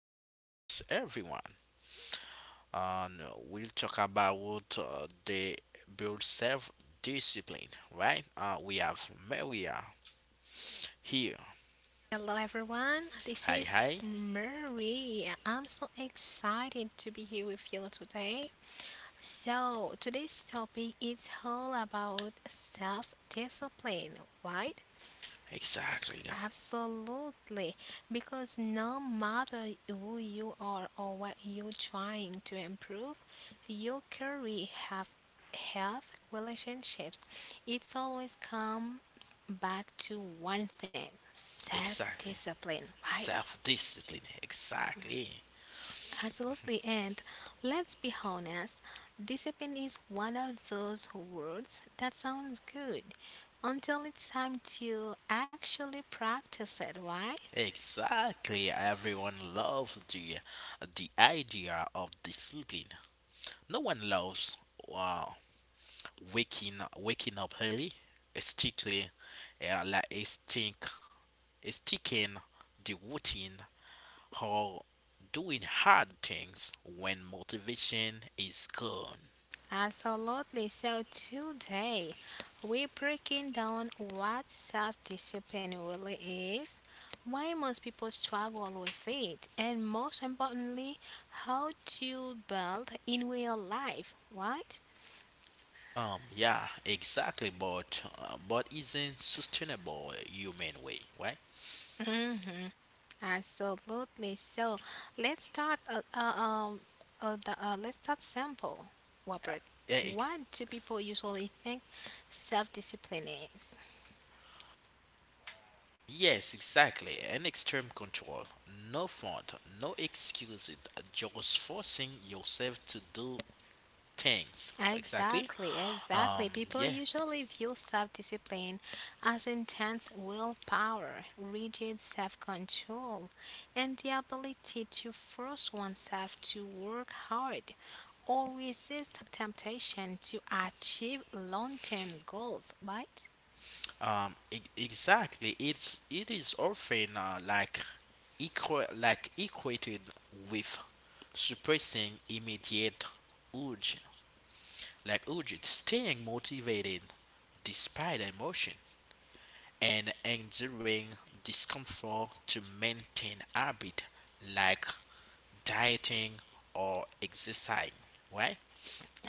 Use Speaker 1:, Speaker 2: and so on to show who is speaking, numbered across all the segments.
Speaker 1: podcast, everyone. And we'll talk about the build self discipline, right? We have Maria here.
Speaker 2: Hello everyone, this
Speaker 1: Hi,
Speaker 2: is
Speaker 1: hi.
Speaker 2: Marie. I'm so excited to be here with you today. So, today's topic is all about self discipline, right?
Speaker 1: Exactly, guys.
Speaker 2: Absolutely, because no matter who you are or what you're trying to improve, your career have health relationships it's always comes back to one thing
Speaker 1: Exactly.
Speaker 2: self-discipline, right?
Speaker 1: Self discipline. Exactly.
Speaker 2: Absolutely, and let's be honest, discipline is one of those words that sounds good until it's time to actually practice it, right?
Speaker 1: Exactly. Everyone loves the idea of discipline. No one loves. Wow, waking up early, strictly like a stick sticking the routine, or doing hard things when motivation is gone.
Speaker 2: Absolutely. So today we're breaking down what self-discipline really is, why most people struggle with it, and most importantly, how to build in real life, right?
Speaker 1: Yeah, exactly, but isn't sustainable human way, right?
Speaker 2: hmm Absolutely. So let's start. Let's start simple, Robert.
Speaker 1: Yeah,
Speaker 2: What do people usually think self-discipline is?
Speaker 1: yes, exactly. An extreme control, no font, no excuses, just forcing yourself to do things. Exactly.
Speaker 2: Exactly,
Speaker 1: Um,
Speaker 2: exactly. People
Speaker 1: yeah,
Speaker 2: usually view self-discipline as intense willpower, rigid self-control, and the ability to force oneself to work hard or resist temptation to achieve long-term goals, right?
Speaker 1: Exactly. It is often like equal like equated with suppressing immediate urge, staying motivated despite emotion, and enduring discomfort to maintain habit like dieting or exercising. Right?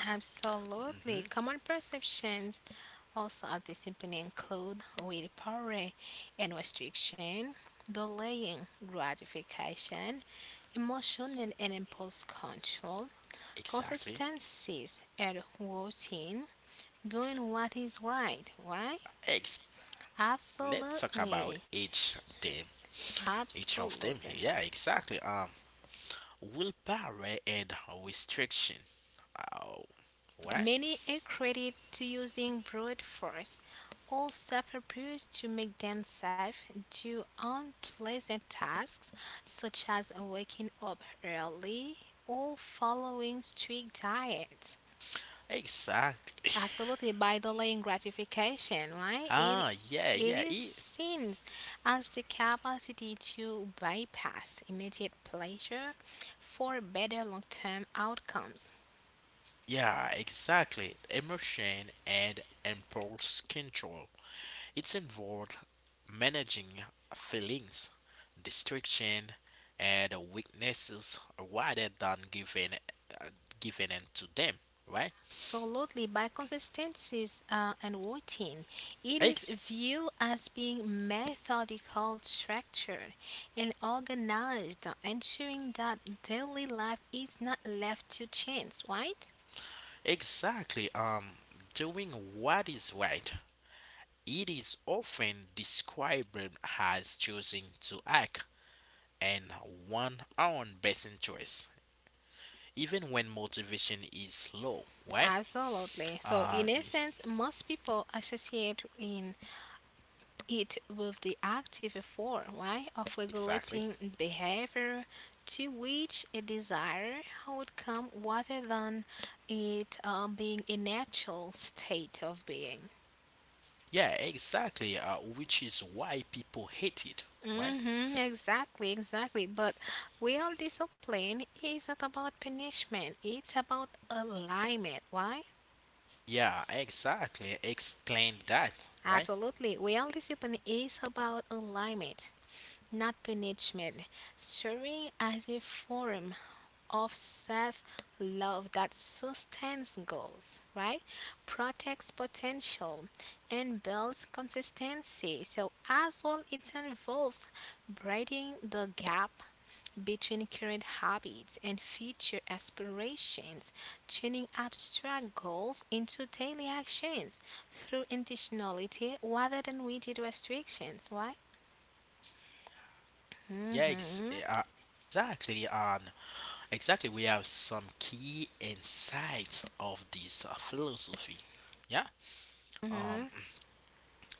Speaker 2: Absolutely.
Speaker 1: Mm-hmm.
Speaker 2: Common perceptions also of discipline include with power and restriction, delaying gratification, emotional and impulse control,
Speaker 1: Exactly.
Speaker 2: consistencies and routine,
Speaker 1: Ex-
Speaker 2: doing what is right, right?
Speaker 1: ex- Let's talk about
Speaker 2: Absolutely.
Speaker 1: each of them
Speaker 2: Absolutely.
Speaker 1: here. Yeah, exactly. Willpower and restriction. Oh, what?
Speaker 2: Many are accredit to using brute force or self-abuse to make themselves do unpleasant tasks such as waking up early or following strict diets.
Speaker 1: Exactly.
Speaker 2: Absolutely, by delaying gratification, right? It
Speaker 1: Ah, yeah,
Speaker 2: it
Speaker 1: yeah,
Speaker 2: is seen as the capacity to bypass immediate pleasure for better long-term outcomes.
Speaker 1: yeah, exactly. Emotion and impulse control. It's involved managing feelings, distraction, and weaknesses rather than uh, giving in to them. Right?
Speaker 2: Absolutely, by consistencies and routine, it is
Speaker 1: Ex-
Speaker 2: viewed as being methodical, structured, and organized, ensuring that daily life is not left to chance, right?
Speaker 1: exactly. Doing what is right. It is often described as choosing to act in one's own best interest, even when motivation is low, right?
Speaker 2: Absolutely. So,
Speaker 1: Uh,
Speaker 2: in essence, most people associate in it with the active form right, of
Speaker 1: exactly.
Speaker 2: regulating behavior to which a desired outcome rather than it being a natural state of being.
Speaker 1: Yeah, exactly. Which is why people hate it, right?
Speaker 2: Mm-hmm, exactly, exactly. But real discipline isn't about punishment, it's about alignment. Why?
Speaker 1: Yeah, exactly. Explain that, right?
Speaker 2: Absolutely. Real discipline is about alignment, not punishment. Serving as a form of self love that sustains goals, right? Protects potential and builds consistency. So, as well, it involves bridging the gap between current habits and future aspirations, turning abstract goals into daily actions through intentionality rather than rigid restrictions, right?
Speaker 1: Yeah, ex-
Speaker 2: hmm
Speaker 1: uh, exactly. And exactly, we have some key insights of this philosophy. Yeah. Um.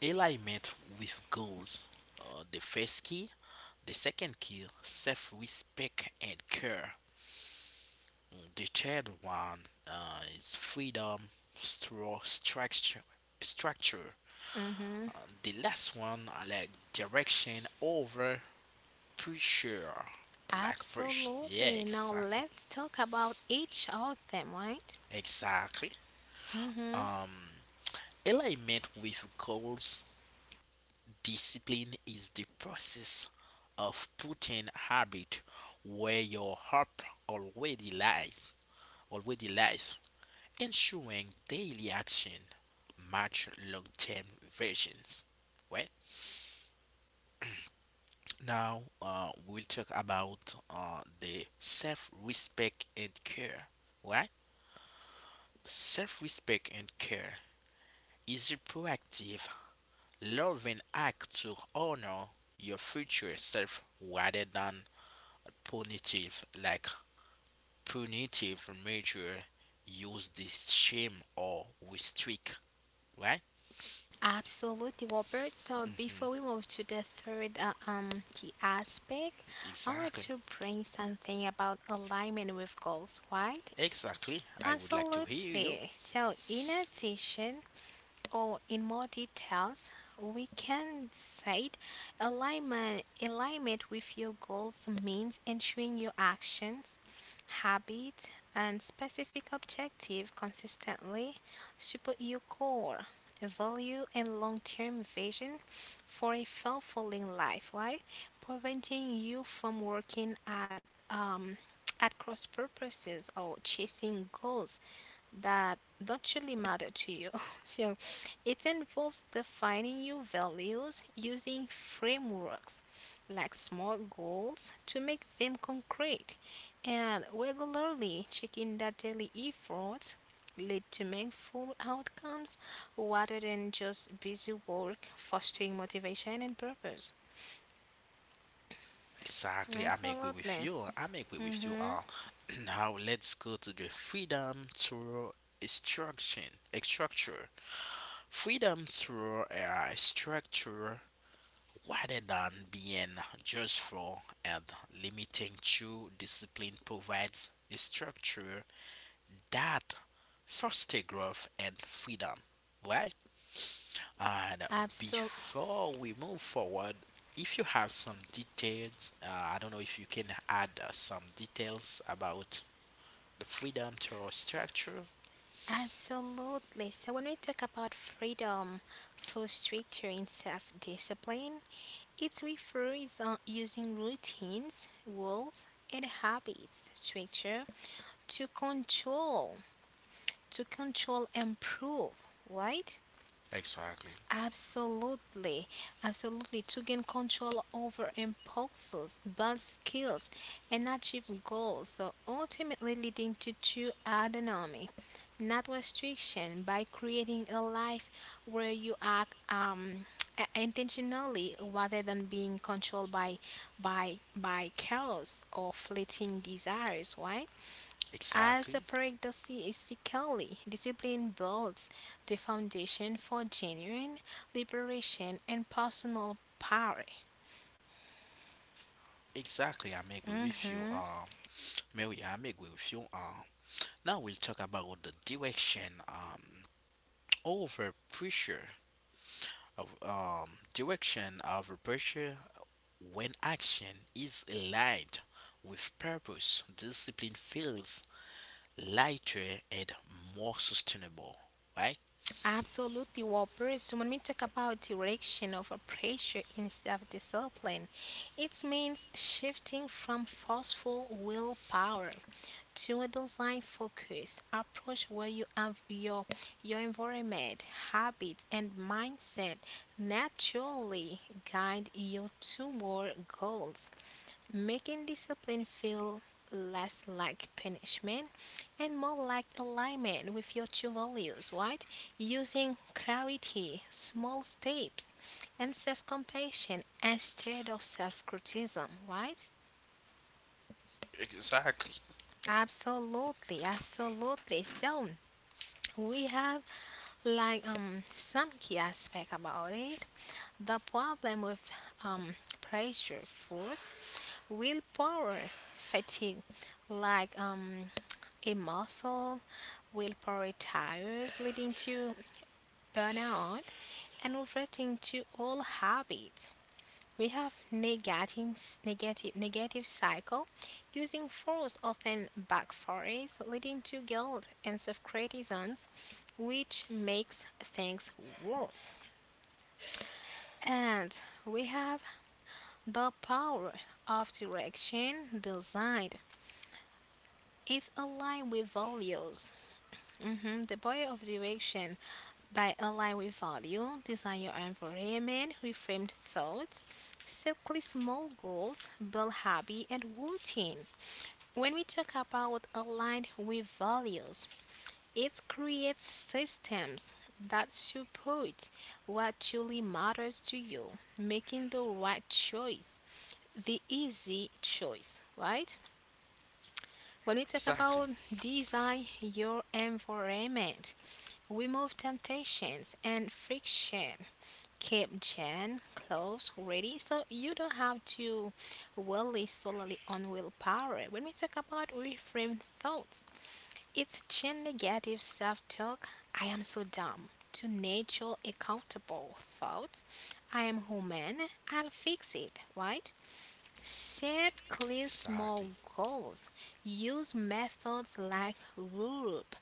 Speaker 1: Alignment with goals, the first key. The second key, self-respect and care. The third one, is freedom through structure.
Speaker 2: hmm
Speaker 1: The last one, I like direction over pressure, like push. Yeah,
Speaker 2: Absolutely. Now
Speaker 1: exactly.
Speaker 2: let's talk about each of them, right?
Speaker 1: Exactly.
Speaker 2: Mm-hmm.
Speaker 1: um Alignment with goals. Discipline is the process of putting habit where your hope already lies, already lies, ensuring daily action match long-term visions. Well, now we'll talk about the self-respect and care. Right? Self-respect and care is a proactive, loving act to honor your future self rather than punitive like punitive measure use the shame or restrict, right?
Speaker 2: Absolutely, Robert. So
Speaker 1: Mhm,
Speaker 2: before we move to the third key aspect, I want
Speaker 1: exactly.
Speaker 2: to bring something about alignment with goals, right?
Speaker 1: Exactly, I would like to hear you.
Speaker 2: Absolutely. So in addition, or in more details, we can say alignment with your goals means ensuring your actions, habits, and specific objective consistently support your core value and long-term vision for a fulfilling life, right? Preventing you from working at cross purposes or chasing goals that don't really matter to you. So it involves defining your values using frameworks like SMART goals to make them concrete and regularly checking that daily efforts lead to meaningful outcomes rather than just busy work fostering motivation and purpose.
Speaker 1: Exactly, I'm agree with
Speaker 2: Absolutely.
Speaker 1: you I'm agree with you
Speaker 2: Mm-hmm.
Speaker 1: Now let's go to the freedom through instruction structure. Freedom through a structure rather than being just for and limiting true discipline provides a structure that foster growth and freedom, right? And before we move forward, if you have some details, I don't know if you can add some details about the freedom to structure.
Speaker 2: Absolutely. So when we talk about freedom, flow structure, and self discipline, it refers on using routines, rules, and habits structure to control, to control, improve, right?
Speaker 1: Exactly.
Speaker 2: Absolutely, absolutely. To gain control over impulses, build skills, and achieve goals, so ultimately leading to true autonomy, not restriction, by creating a life where you act intentionally rather than being controlled by by chaos or fleeting desires. Why? As
Speaker 1: Exactly.
Speaker 2: the paradoxy is sickly, discipline builds the foundation for genuine liberation and personal power.
Speaker 1: Exactly. I'm agree with you.
Speaker 2: Mhm.
Speaker 1: Mary, I'm agree with you. Now we'll talk about the direction over pressure. Of direction of pressure, when action is aligned with purpose discipline feels lighter and more sustainable, right?
Speaker 2: Absolutely, Whopper. So when we talk about direction of a pressure instead of discipline, it means shifting from forceful willpower to a design focus approach where you have your environment, habits and mindset naturally guide you toward goals making discipline feel less like punishment and more like alignment with your true values, right? Using clarity, small steps, and self compassion instead of self criticism, right? Absolutely, absolutely. So we have like some key aspect about it. The problem with um pressure force willpower fatigue like a muscle willpower tires leading to burnout and reverting to all habits we have negating, negative cycle using force often backfires leading to guilt and self-criticisms which makes things worse and we have the power of direction designed It aligns with values. The power of direction by align with value, design your environment, reframed thoughts, set clear small goals, build hobby and routines. When we talk about aligned with values, it creates systems that support what truly matters to you, making the right choice, the easy choice, right? When we talk
Speaker 1: Exactly.
Speaker 2: about design your environment, remove temptations and friction. Keep gen clothes ready so you don't have to rely solely on willpower. When we talk about reframe thoughts, it's chain negative self talk. I am so dumb. To nature accountable thoughts. I am human. I'll fix it, right? Set clear
Speaker 1: Exactly.
Speaker 2: small goals. Use methods like RURUP,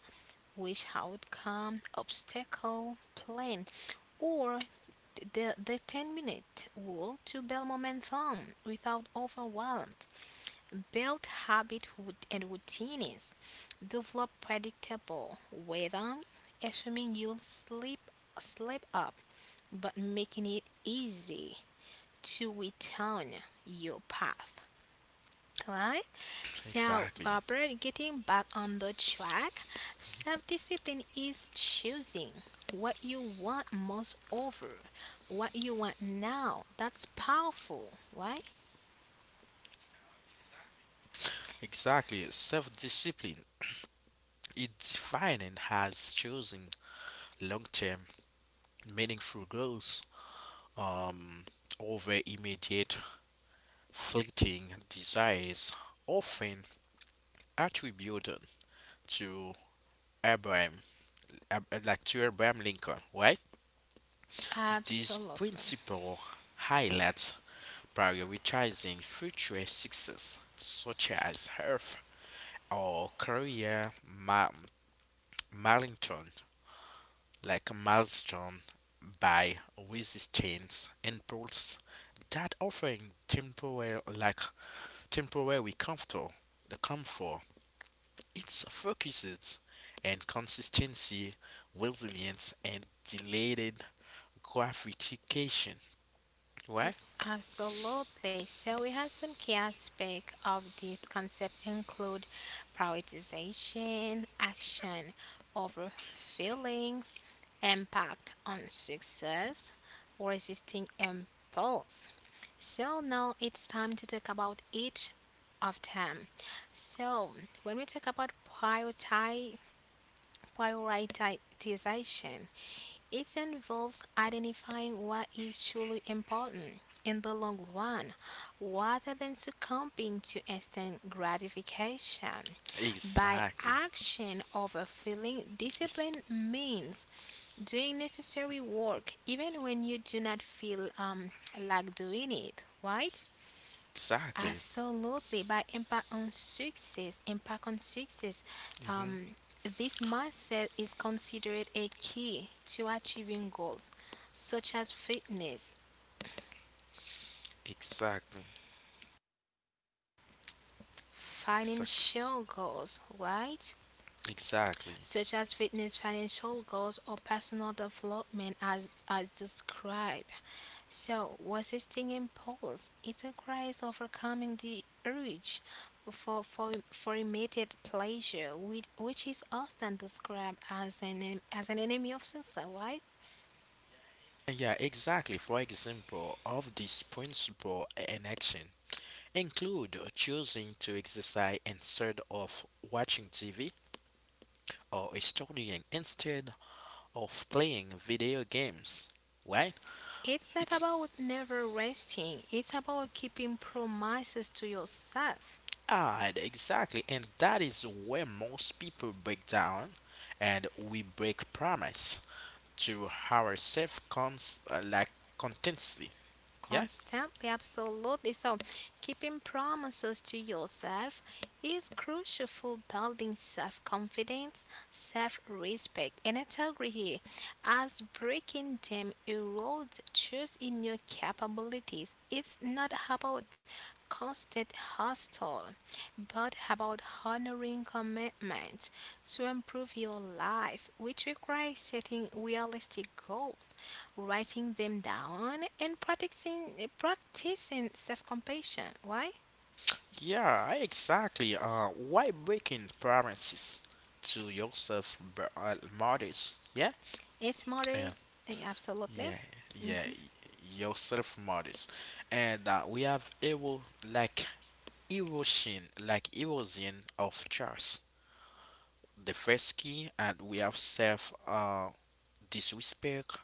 Speaker 2: wish outcome, obstacle, plan, or the 10-minute rule to build momentum without overwhelm. Build habit and routines. Develop predictable rhythms, assuming you'll sleep up, but making it easy to return your path. Right? So,
Speaker 1: Exactly.
Speaker 2: Robert, getting back on the track, self discipline is choosing what you want most over what you want now. That's powerful, right?
Speaker 1: Exactly. Self-discipline is defined as choosing long-term meaningful goals, um, over immediate fleeting desires, often attributed to Abraham Dr. Abraham Lincoln, right? This
Speaker 2: Absolutely.
Speaker 1: principle highlights prioritizing future success, such as health or career milestone, milestone, by resistance impulse that offering temporary like temporary comfort. It focuses and consistency, resilience and delayed gratification. Why?
Speaker 2: Absolutely. So we have some key aspects of this concept include prioritization, action over feeling, impact on success, resisting impulse. So now it's time to talk about each of them. So when we talk about prioritize prioritization, it involves identifying what is truly important in the long run rather than succumbing to instant gratification. By
Speaker 1: Exactly.
Speaker 2: action over feeling,
Speaker 1: It's-
Speaker 2: discipline means doing necessary work even when you do not feel like doing it, right?
Speaker 1: exactly.
Speaker 2: Absolutely, by impact on success.
Speaker 1: Hmm.
Speaker 2: Um, this mindset is considered a key to achieving goals, such as fitness,
Speaker 1: Exactly. Exactly.
Speaker 2: financial goals, right?
Speaker 1: Exactly.
Speaker 2: such as fitness, financial goals, or personal development, as described. So, resisting impulse It requires overcoming the urge for immediate pleasure, which is often described as as an enemy of success, right?
Speaker 1: Yeah, exactly. For example, of this principle in action include choosing to exercise instead of watching TV, or studying instead of playing video games. Right?
Speaker 2: It's not
Speaker 1: It's
Speaker 2: about never resting, it's about keeping promises to yourself.
Speaker 1: hard, exactly. And that is where most people break down and we break promise to ourselves, contently. Yeah,
Speaker 2: Constantly, absolutely. So, keeping promises to yourself is crucial for building self confidence, self respect, and integrity, as breaking them erodes trust in your capabilities. It's not about constant hustle, but about honoring commitment to improve your life, which requires setting realistic goals writing them down, and practicing self-compassion. Why?
Speaker 1: yeah, exactly. Why breaking promises to yourself, modest? Yeah,
Speaker 2: It
Speaker 1: yeah,
Speaker 2: matters. Absolutely.
Speaker 1: yeah, yeah. Yourself, modest, and we have evo like erosion, erosion of trust. The first key, and we have self disrespect.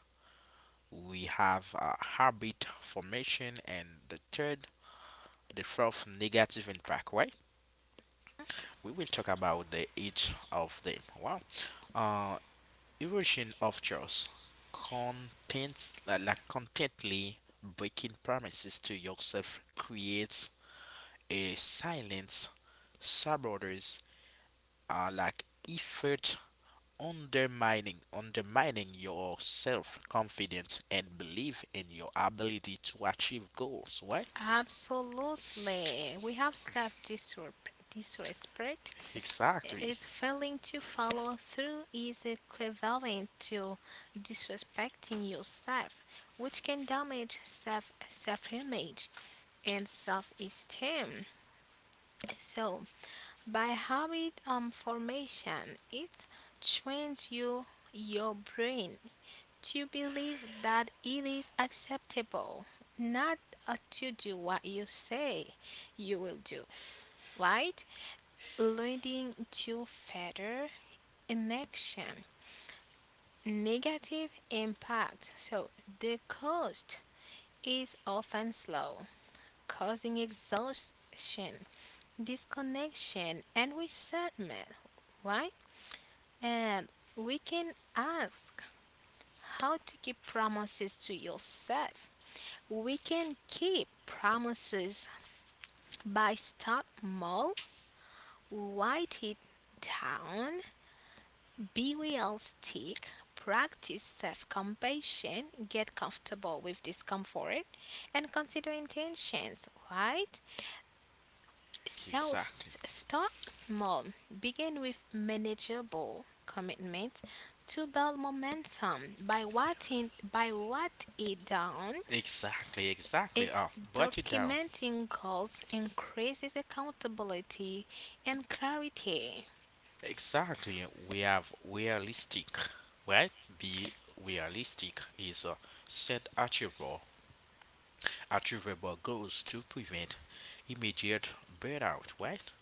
Speaker 1: We have habit formation, and the fourth negative impact, right? We will talk about the each of them. Wow. Uh, erosion of trust. Contents like Contently breaking promises to yourself creates a silence, saboteurs, uh, like effort, undermining your self confidence and belief in your ability to achieve goals, right?
Speaker 2: Absolutely. We have self-disrespect.
Speaker 1: Exactly.
Speaker 2: It's failing to follow through is equivalent to disrespecting yourself, which can damage self-image and self-esteem. So By habit formation, it trains you, your brain to believe that it is acceptable not to do what you say you will do, right? Leading to further inaction, negative impact. So the cost is often slow, causing exhaustion, disconnection, and resentment. Why? And we can ask how to keep promises to yourself. We can keep promises by start small, write it down, be realistic, practice self-compassion, get comfortable with discomfort, and consider intentions, right? So
Speaker 1: Exactly.
Speaker 2: s- start small. Begin with manageable commitment to build momentum by writing by what it down.
Speaker 1: Exactly, exactly.
Speaker 2: It
Speaker 1: Brought it down.
Speaker 2: documenting goals increases accountability and clarity.
Speaker 1: Exactly. We have realistic, right? Be realistic is a set achievable goals to prevent immediate burnout, right?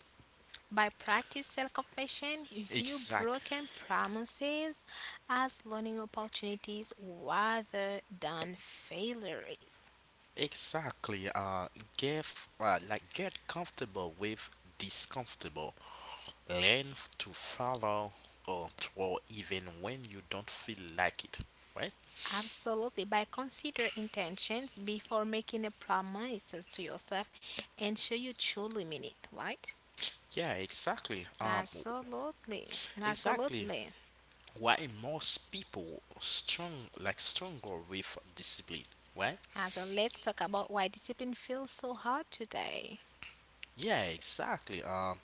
Speaker 2: By practice self-compassion, view
Speaker 1: Exactly.
Speaker 2: broken promises as learning opportunities rather than failures.
Speaker 1: Exactly. Get get comfortable with discomfortable. Learn to follow or throw even when you don't feel like it, right?
Speaker 2: Absolutely. By consider intentions before making a promises to yourself and sure you truly mean it, right?
Speaker 1: Yeah, exactly.
Speaker 2: Absolutely.
Speaker 1: Exactly.
Speaker 2: Absolutely.
Speaker 1: Why most people strong like struggle with discipline, right?
Speaker 2: And So let's talk about why discipline feels so hard today.
Speaker 1: Yeah, exactly.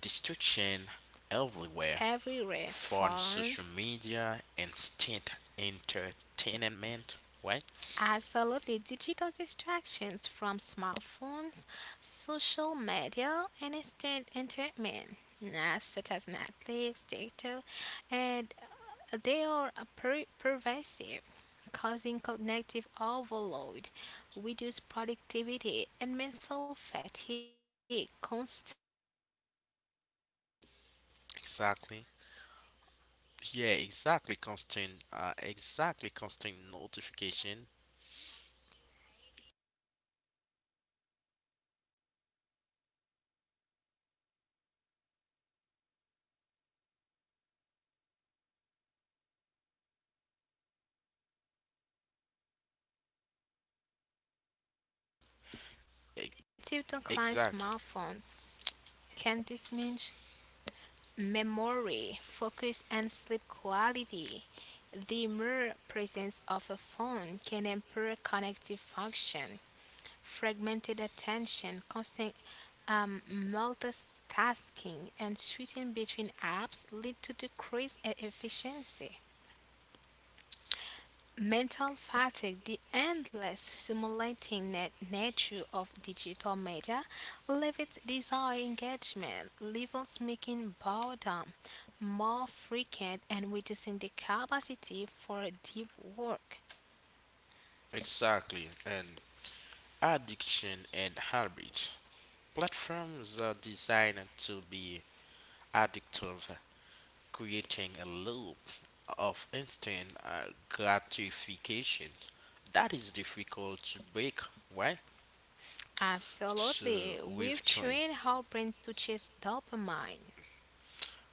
Speaker 1: Distraction everywhere.
Speaker 2: Everywhere.
Speaker 1: Phone,
Speaker 2: Phone,
Speaker 1: social media, instant entertainment, right?
Speaker 2: Absolutely. Digital distractions from smartphones, social media, and instant entertainment, such as Netflix, TikTok, and pervasive, causing cognitive overload, reduced productivity, and mental fatigue, constant notification trigger
Speaker 1: Exactly.
Speaker 2: dopamine driven
Speaker 1: Yeah,
Speaker 2: habits
Speaker 1: exactly,
Speaker 2: without
Speaker 1: constant
Speaker 2: which
Speaker 1: exactly,
Speaker 2: users
Speaker 1: constant
Speaker 2: unlocking
Speaker 1: notification.
Speaker 2: phones up to 80 times daily leading to fragmented focus and decreased satisfaction, right? Absolutely. So impact of constant distractions
Speaker 1: E-
Speaker 2: cognitive decline
Speaker 1: exactly,
Speaker 2: smartphones can diminish memory, focus, and sleep quality. The mere presence of a phone can impair cognitive function, fragmented attention, constant multitasking, and switching between apps lead to decreased efficiency. Mental fatigue, the endless simulating nature of digital media, limits desire engagement, levels making boredom more frequent and reducing the capacity for deep work.
Speaker 1: exactly. And addiction and habits, platforms are designed to be addictive, creating a loop of instant gratification that is difficult to break, right? So
Speaker 2: Absolutely,
Speaker 1: with
Speaker 2: we've
Speaker 1: join.
Speaker 2: trained our brains to chase dopamine.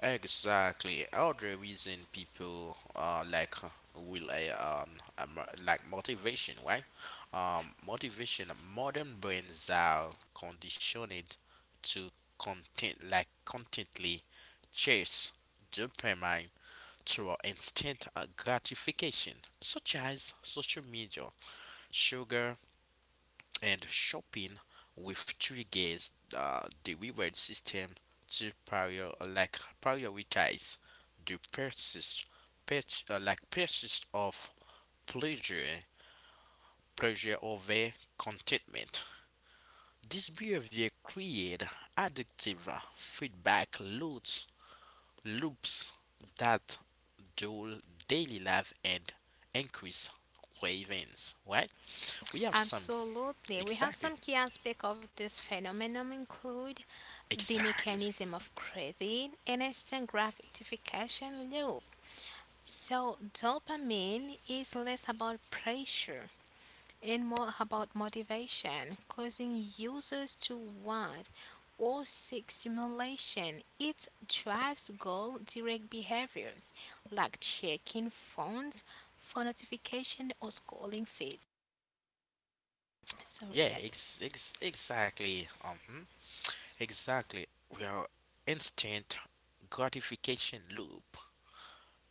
Speaker 1: Exactly. Other reason people rely on, motivation, right? Motivation. Modern brains are conditioned to contently chase dopamine through instant gratification, such as social media, sugar, and shopping, with triggers the reward system to prioritize the purchase of pleasure, pleasure over contentment. This behavior creates addictive feedback loops that dull daily life and increase cravings, right? We have some
Speaker 2: Absolutely. We have
Speaker 1: exactly,
Speaker 2: some key aspects of this phenomenon include the
Speaker 1: exactly,
Speaker 2: mechanism of craving and instant gratification loop. So, dopamine is less about pressure and more about motivation, causing users to want or seek stimulation. It drives goal direct behaviors like checking phones for notification or scrolling feeds. Sorry,
Speaker 1: yeah,
Speaker 2: guys.
Speaker 1: exactly, exactly. We are instant gratification loop,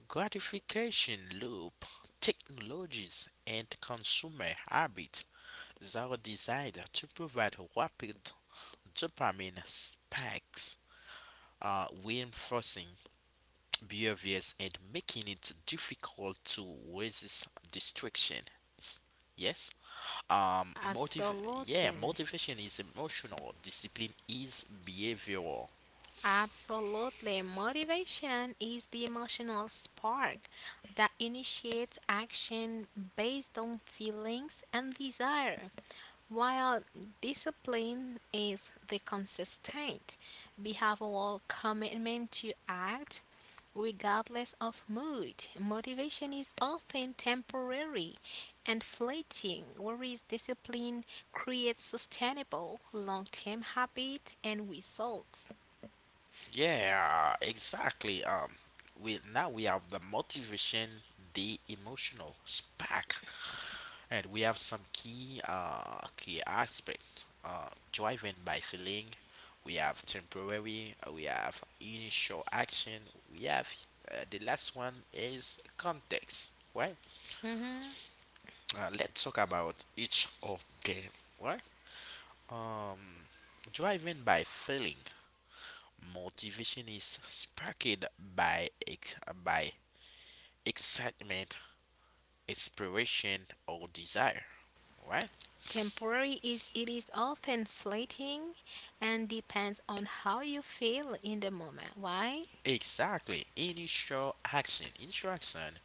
Speaker 1: gratification loop, technologies and consumer habits that are designed to provide rapid dopamine spikes, reinforcing behaviors and making it difficult to resist distractions. Yes. Motive Yeah,
Speaker 2: Absolutely.
Speaker 1: motivation is emotional, discipline is behavioral.
Speaker 2: Absolutely. Motivation is the emotional spark that initiates action based on feelings and desire, while discipline is the consistent behavioral commitment to act regardless of mood. Motivation is often temporary and fleeting, whereas discipline creates sustainable long term habit and results.
Speaker 1: Yeah, exactly. We Now we have the motivation, the emotional spark. And we have some key aspects, driven by feeling. We have temporary, we have initial action, we have the last one is context, right?
Speaker 2: Mm-hmm.
Speaker 1: Let's talk about each of them, right? Um, driven by feeling, motivation is sparked by ex- by excitement, inspiration, or desire, right?
Speaker 2: Temporary is it is often fleeting and depends on how you feel in the moment. Why?
Speaker 1: Exactly. Initial action. Interaction.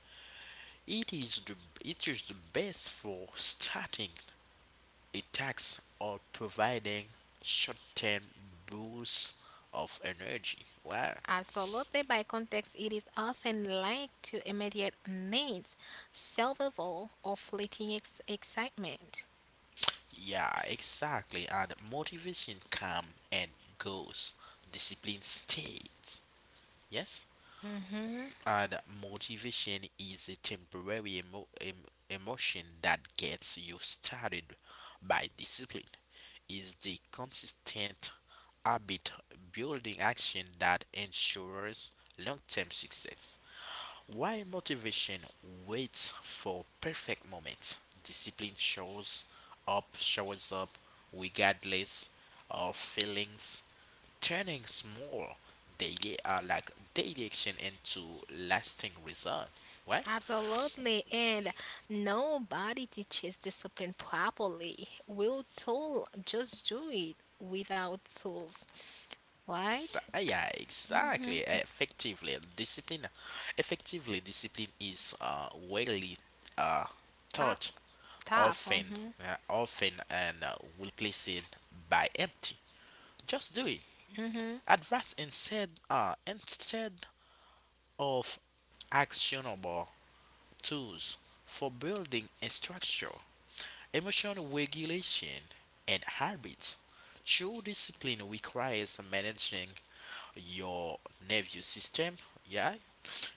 Speaker 1: It is the it is the best for starting attacks or providing short-term boosts of energy. Well,
Speaker 2: Absolutely by context it is often linked to immediate needs, survival or fleeting excitement.
Speaker 1: yeah, exactly. And motivation comes and goes. Discipline stays. Yes.
Speaker 2: hmm
Speaker 1: And motivation is a temporary emotion that gets you started. By discipline is the consistent habit building action that ensures long term success. While motivation waits for perfect moments, discipline shows up regardless of feelings, turning small daily action into lasting result. Why?
Speaker 2: Absolutely, and nobody teaches discipline properly. We're told just do it without tools, right?
Speaker 1: Yeah, exactly.
Speaker 2: Mm-hmm.
Speaker 1: Effectively, discipline is widely uh, taught
Speaker 2: Tough, Tough.
Speaker 1: often,
Speaker 2: Mm-hmm.
Speaker 1: often, and replaced by empty. Just do it. Advice instead of actionable tools for building a structure, emotional regulation, and habits. True discipline requires managing your nervous system, yeah,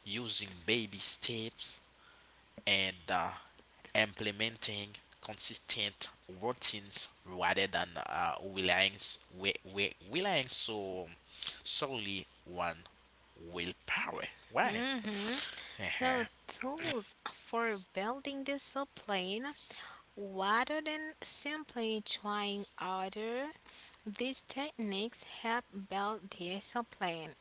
Speaker 1: using baby steps and implementing consistent routines rather than relying, s- we, relying solely on willpower. Why?
Speaker 2: Mm-hmm. So,
Speaker 1: Uh-huh.
Speaker 2: tools for building discipline rather than simply trying harder, these techniques help build discipline,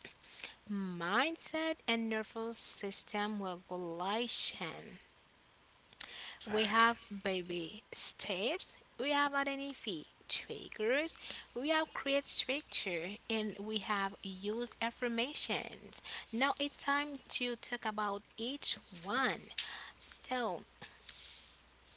Speaker 2: mindset, and nervous system regulation. We
Speaker 1: Exactly.
Speaker 2: have baby steps, we have identity triggers, we have create structure, and we have use affirmations. Now it's time to talk about each one. So,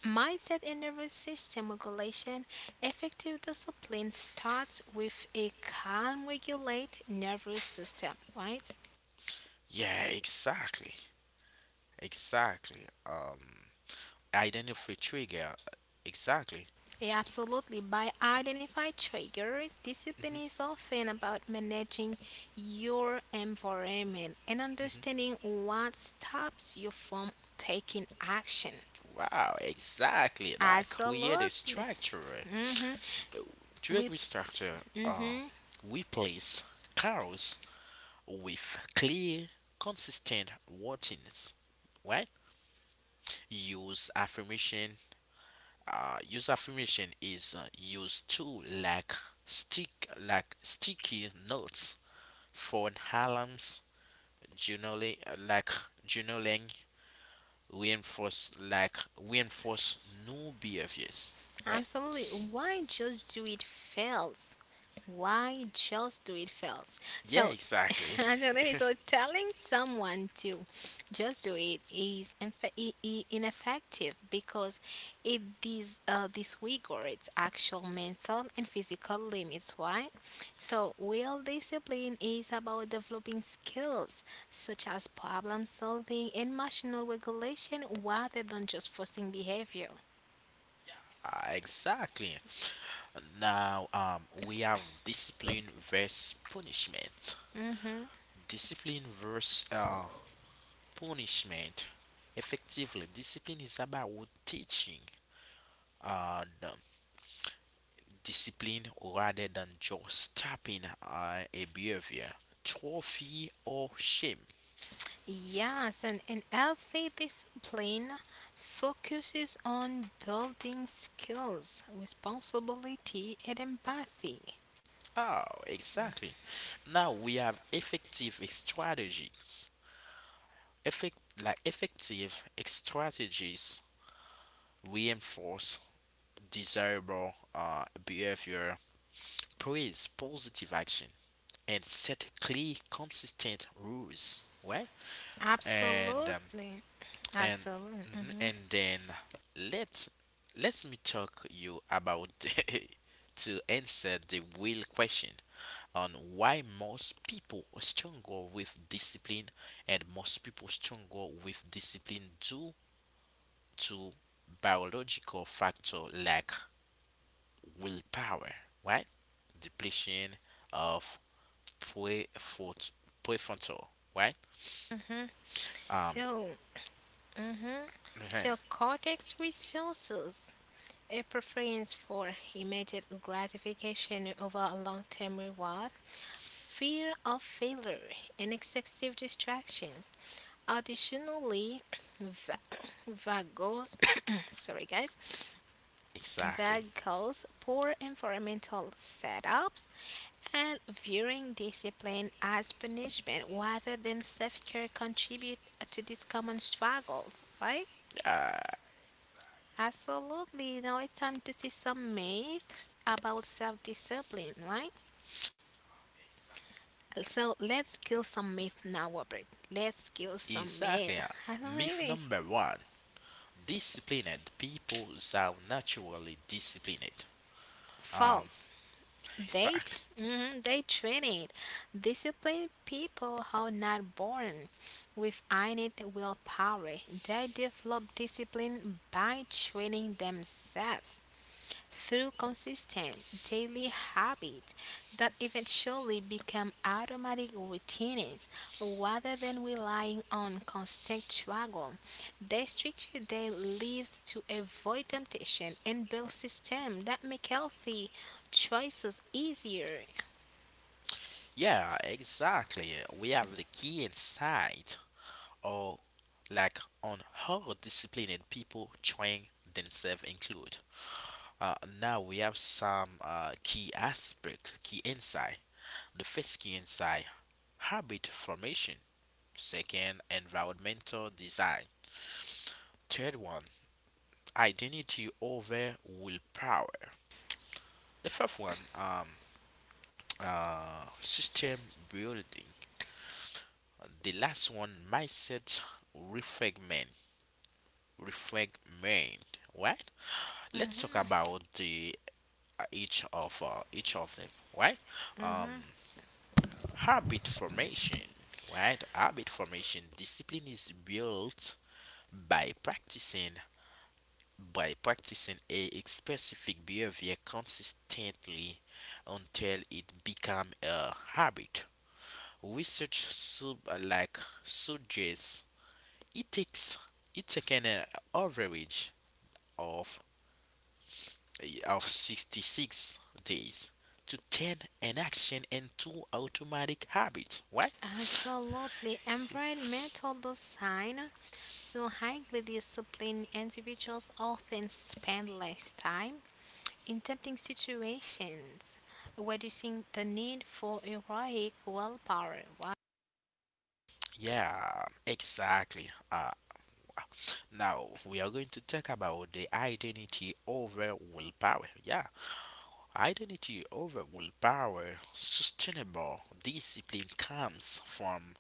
Speaker 2: mindset and nervous system regulation, effective discipline starts with a calm, regulate nervous system, right?
Speaker 1: Yeah, exactly. Exactly. Identify trigger. Exactly.
Speaker 2: Yeah, absolutely. By identify triggers, discipline
Speaker 1: hmm
Speaker 2: is often about managing your environment and
Speaker 1: hmm
Speaker 2: understanding what stops you from taking action.
Speaker 1: Wow, exactly. Like create a
Speaker 2: Absolutely.
Speaker 1: structure.
Speaker 2: Mm-hmm.
Speaker 1: Drug
Speaker 2: We.
Speaker 1: restructure
Speaker 2: Mm-hmm.
Speaker 1: Replace cows with clear, consistent routines, right? Use affirmation. Use affirmation is used to like sticky notes, phone alarms, journaling uh, like journaling, reinforce new behaviors, right?
Speaker 2: Absolutely. Why just do it fails? Why just do it fails?
Speaker 1: Yeah,
Speaker 2: So,
Speaker 1: exactly.
Speaker 2: I don't know, so telling someone to just do it is ineffective because it is disregards actual mental and physical limits. Why? So, real discipline is about developing skills such as problem solving and emotional regulation rather than just forcing behavior.
Speaker 1: Exactly. Now, we have discipline versus punishment.
Speaker 2: Mm-hmm.
Speaker 1: Discipline versus punishment. Effectively, discipline is about teaching the discipline rather than just stopping a behavior, trophy, or shame.
Speaker 2: Yes, and an healthy discipline focuses on building skills, responsibility, and empathy.
Speaker 1: Oh, exactly. Now we have effective strategies. Effective strategies reinforce desirable behavior, praise positive action, and set clear, consistent rules. Right? And
Speaker 2: Absolutely,
Speaker 1: and
Speaker 2: absolutely. Hmm.
Speaker 1: then let let me talk you about to answer the real question on why most people struggle with discipline, and most people struggle with discipline due to biological factor like willpower, right? Depletion of prefront- prefrontal, right?
Speaker 2: Hmm.
Speaker 1: Um,
Speaker 2: So, hmm, so cortex resources a preference for immediate gratification over a long-term reward, fear of failure, and excessive distractions. Additionally, va- vagos, sorry guys,
Speaker 1: exactly.
Speaker 2: vagos, poor environmental setups, and viewing discipline as punishment rather than self-care contribute to these common struggles, right?
Speaker 1: Uh,
Speaker 2: Absolutely. Now it's time to see some myths about self-discipline, right? So let's kill some myth now, Robert. Let's kill some myth.
Speaker 1: exactly. Yeah. Myth
Speaker 2: Absolutely.
Speaker 1: number one: disciplined people are naturally disciplined. Um,
Speaker 2: False. They
Speaker 1: exactly.
Speaker 2: mhm, they train it. Disciplined people are not born with innate willpower. They develop discipline by training themselves through consistent daily habits that eventually become automatic routines rather than relying on constant struggle. They structure their lives to avoid temptation and build systems that make healthy choices easier.
Speaker 1: Yeah, exactly. We have the key insight, or like on how disciplined people train themselves include. Uh, now we have some key insight. The first key insight, habit formation. Second, environmental design. Third one, identity over willpower. The fourth one, system building. The last one, mindset refragment. Refragment. Right? Let's talk
Speaker 2: Mhm,
Speaker 1: about the each of them. Right? Um,
Speaker 2: mhm.
Speaker 1: habit formation, right? Habit formation discipline is built by practicing by practicing a specific behavior consistently until it become a habit. Research sub like suggests it takes it taken an average of of 66 days to turn an action into automatic habit, right?
Speaker 2: Absolutely. Environmental design. So highly disciplined individuals often spend less time in tempting situations, reducing the need for heroic willpower.
Speaker 1: Yeah, exactly. Now we are going to talk about the identity over willpower. Yeah, identity over willpower, sustainable discipline comes from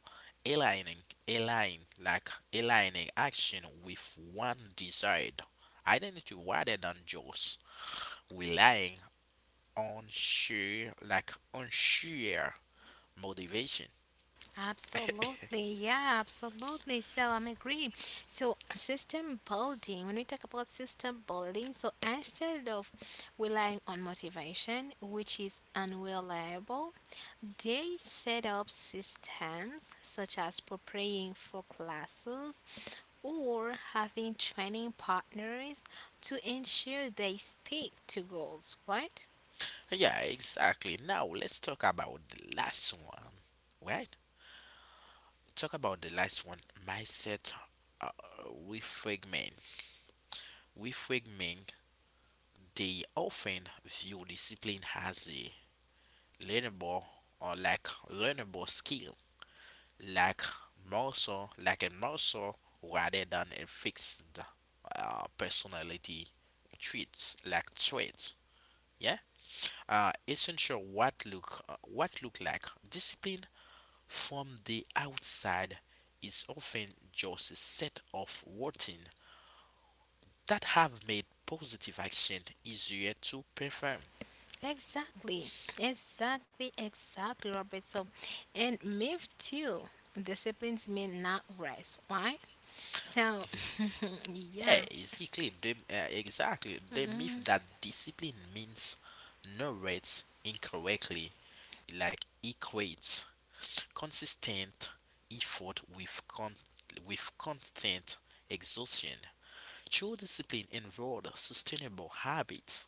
Speaker 1: aligning, align like aligning action with one desired identity rather than just relying on sheer motivation.
Speaker 2: Absolutely, yeah, absolutely. So I'm agree. So system building. When we talk about system building, so instead of relying on motivation, which is unreliable, they set up systems such as preparing for classes or having training partners to ensure they stick to goals. Right?
Speaker 1: Yeah, exactly. Now let's talk about the last one, right? Talk about the last one. Mindset uh, reframing. Reframing. They often view discipline as a learnable learnable skill, like muscle, like a muscle, rather than a fixed personality traits. Yeah. Essential what look like discipline from the outside is often just a set of routine that have made positive action easier to perform.
Speaker 2: Exactly, exactly, exactly, Robert. So, and myth too, disciplines mean not rest, right? So,
Speaker 1: Yeah,
Speaker 2: yeah,
Speaker 1: exactly. Exactly. The myth
Speaker 2: mhm,
Speaker 1: that discipline means no rates incorrectly, like equates consistent effort with with constant exhaustion. True discipline involves sustainable habits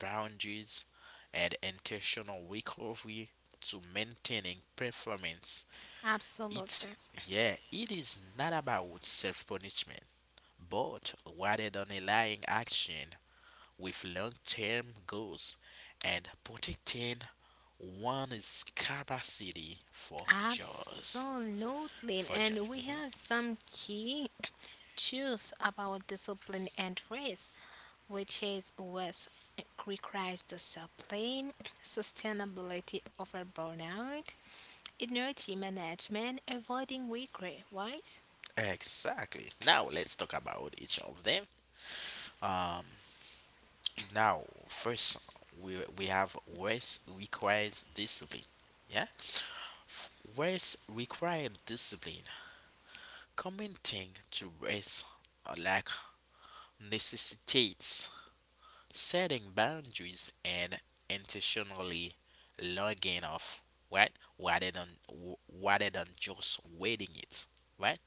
Speaker 1: boundaries, and intentional recovery to maintaining performance. It's
Speaker 2: absolutely,
Speaker 1: Yeah, it is not about self punishment, but rather than aligning action with long term goals and protecting one's capacity for joys.
Speaker 2: absolutely.
Speaker 1: For joy.
Speaker 2: And we
Speaker 1: Mhm.
Speaker 2: have some key truth about discipline and rest, which is rest requires discipline, sustainability over burnout, energy management, avoiding regret, right?
Speaker 1: Exactly. Now let's talk about each of them. Um Now, first, we have rest requires discipline. Yeah, F- rest requires discipline. Commenting to rest like necessitates setting boundaries and intentionally logging off, right? Rather than just waiting it, right?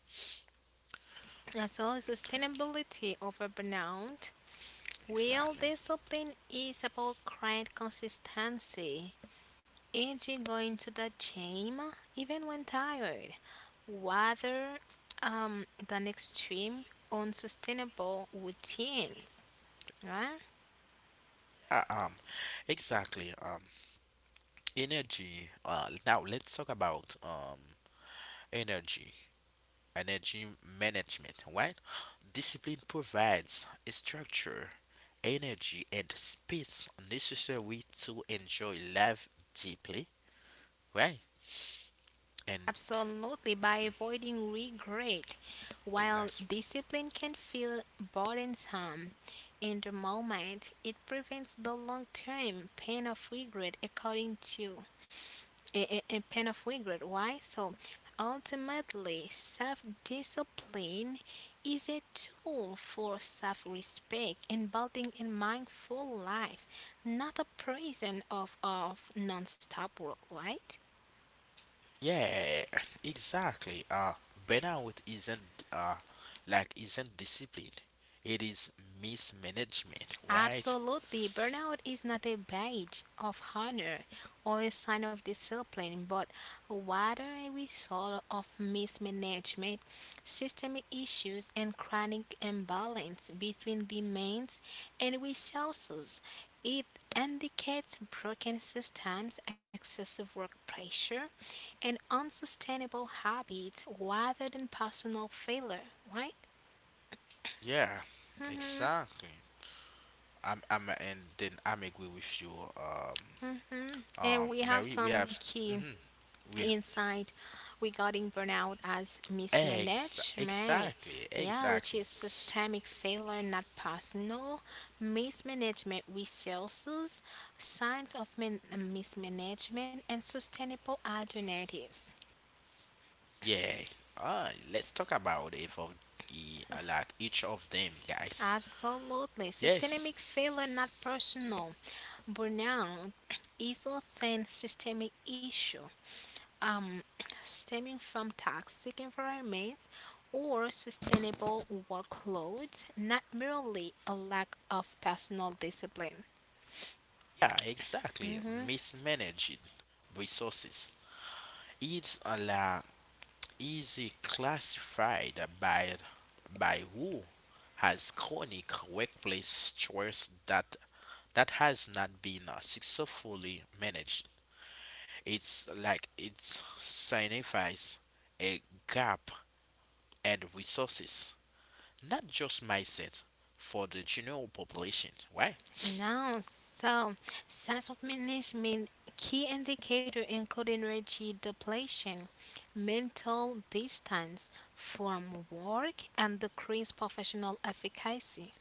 Speaker 2: As well as sustainability over burnout, real
Speaker 1: Exactly.
Speaker 2: discipline is about great consistency. Is going to the gym even when tired, rather than extreme unsustainable routines, right?
Speaker 1: Uh, um, exactly. Energy. Now let's talk about energy. Energy management, right? Discipline provides a structure, energy, and space necessary to enjoy life deeply, right? And
Speaker 2: Absolutely, by avoiding regret,
Speaker 1: the
Speaker 2: while
Speaker 1: last,
Speaker 2: discipline can feel burdensome in the moment, it prevents the long term pain of regret, according to a pen of regret. Why? So ultimately, self discipline is a tool for self respect and building a mindful life, not a prison of non stop work, right?
Speaker 1: yeah, exactly. Burnout isn't discipline; it is mismanagement, right?
Speaker 2: Absolutely. Burnout is not a badge of honor or a sign of discipline, but rather a result of mismanagement, systemic issues, and chronic imbalance between demands and resources. It indicates broken systems, excessive work pressure, and unsustainable habits rather than personal failure, right?
Speaker 1: Yeah, exactly. And then I'm agree with you, um,
Speaker 2: Mm-hmm. And we have
Speaker 1: Mary. We
Speaker 2: some
Speaker 1: have,
Speaker 2: key
Speaker 1: mm-hmm, we
Speaker 2: insight regarding burnout as mismanagement.
Speaker 1: Exactly,
Speaker 2: Yeah, which
Speaker 1: exactly.
Speaker 2: is systemic failure, not personal. Mismanagement resources, signs of mismanagement, and sustainable alternatives.
Speaker 1: Yeah. Let's talk about if of e- like each of them, guys.
Speaker 2: Absolutely.
Speaker 1: Yes.
Speaker 2: Systemic failure, not personal. Burnout is often systemic issue um, stemming from toxic environments or sustainable workloads, not merely a lack of personal discipline.
Speaker 1: Yeah, exactly.
Speaker 2: Mm-hmm.
Speaker 1: Mismanaging resources. It's a la Easy classified by who has chronic workplace stress that has not been successfully managed. It's like it signifies a gap and resources, not just mindset for the general population, right?
Speaker 2: Now, so signs of management key indicator include energy depletion, mental distance from work, and decreased professional efficacy.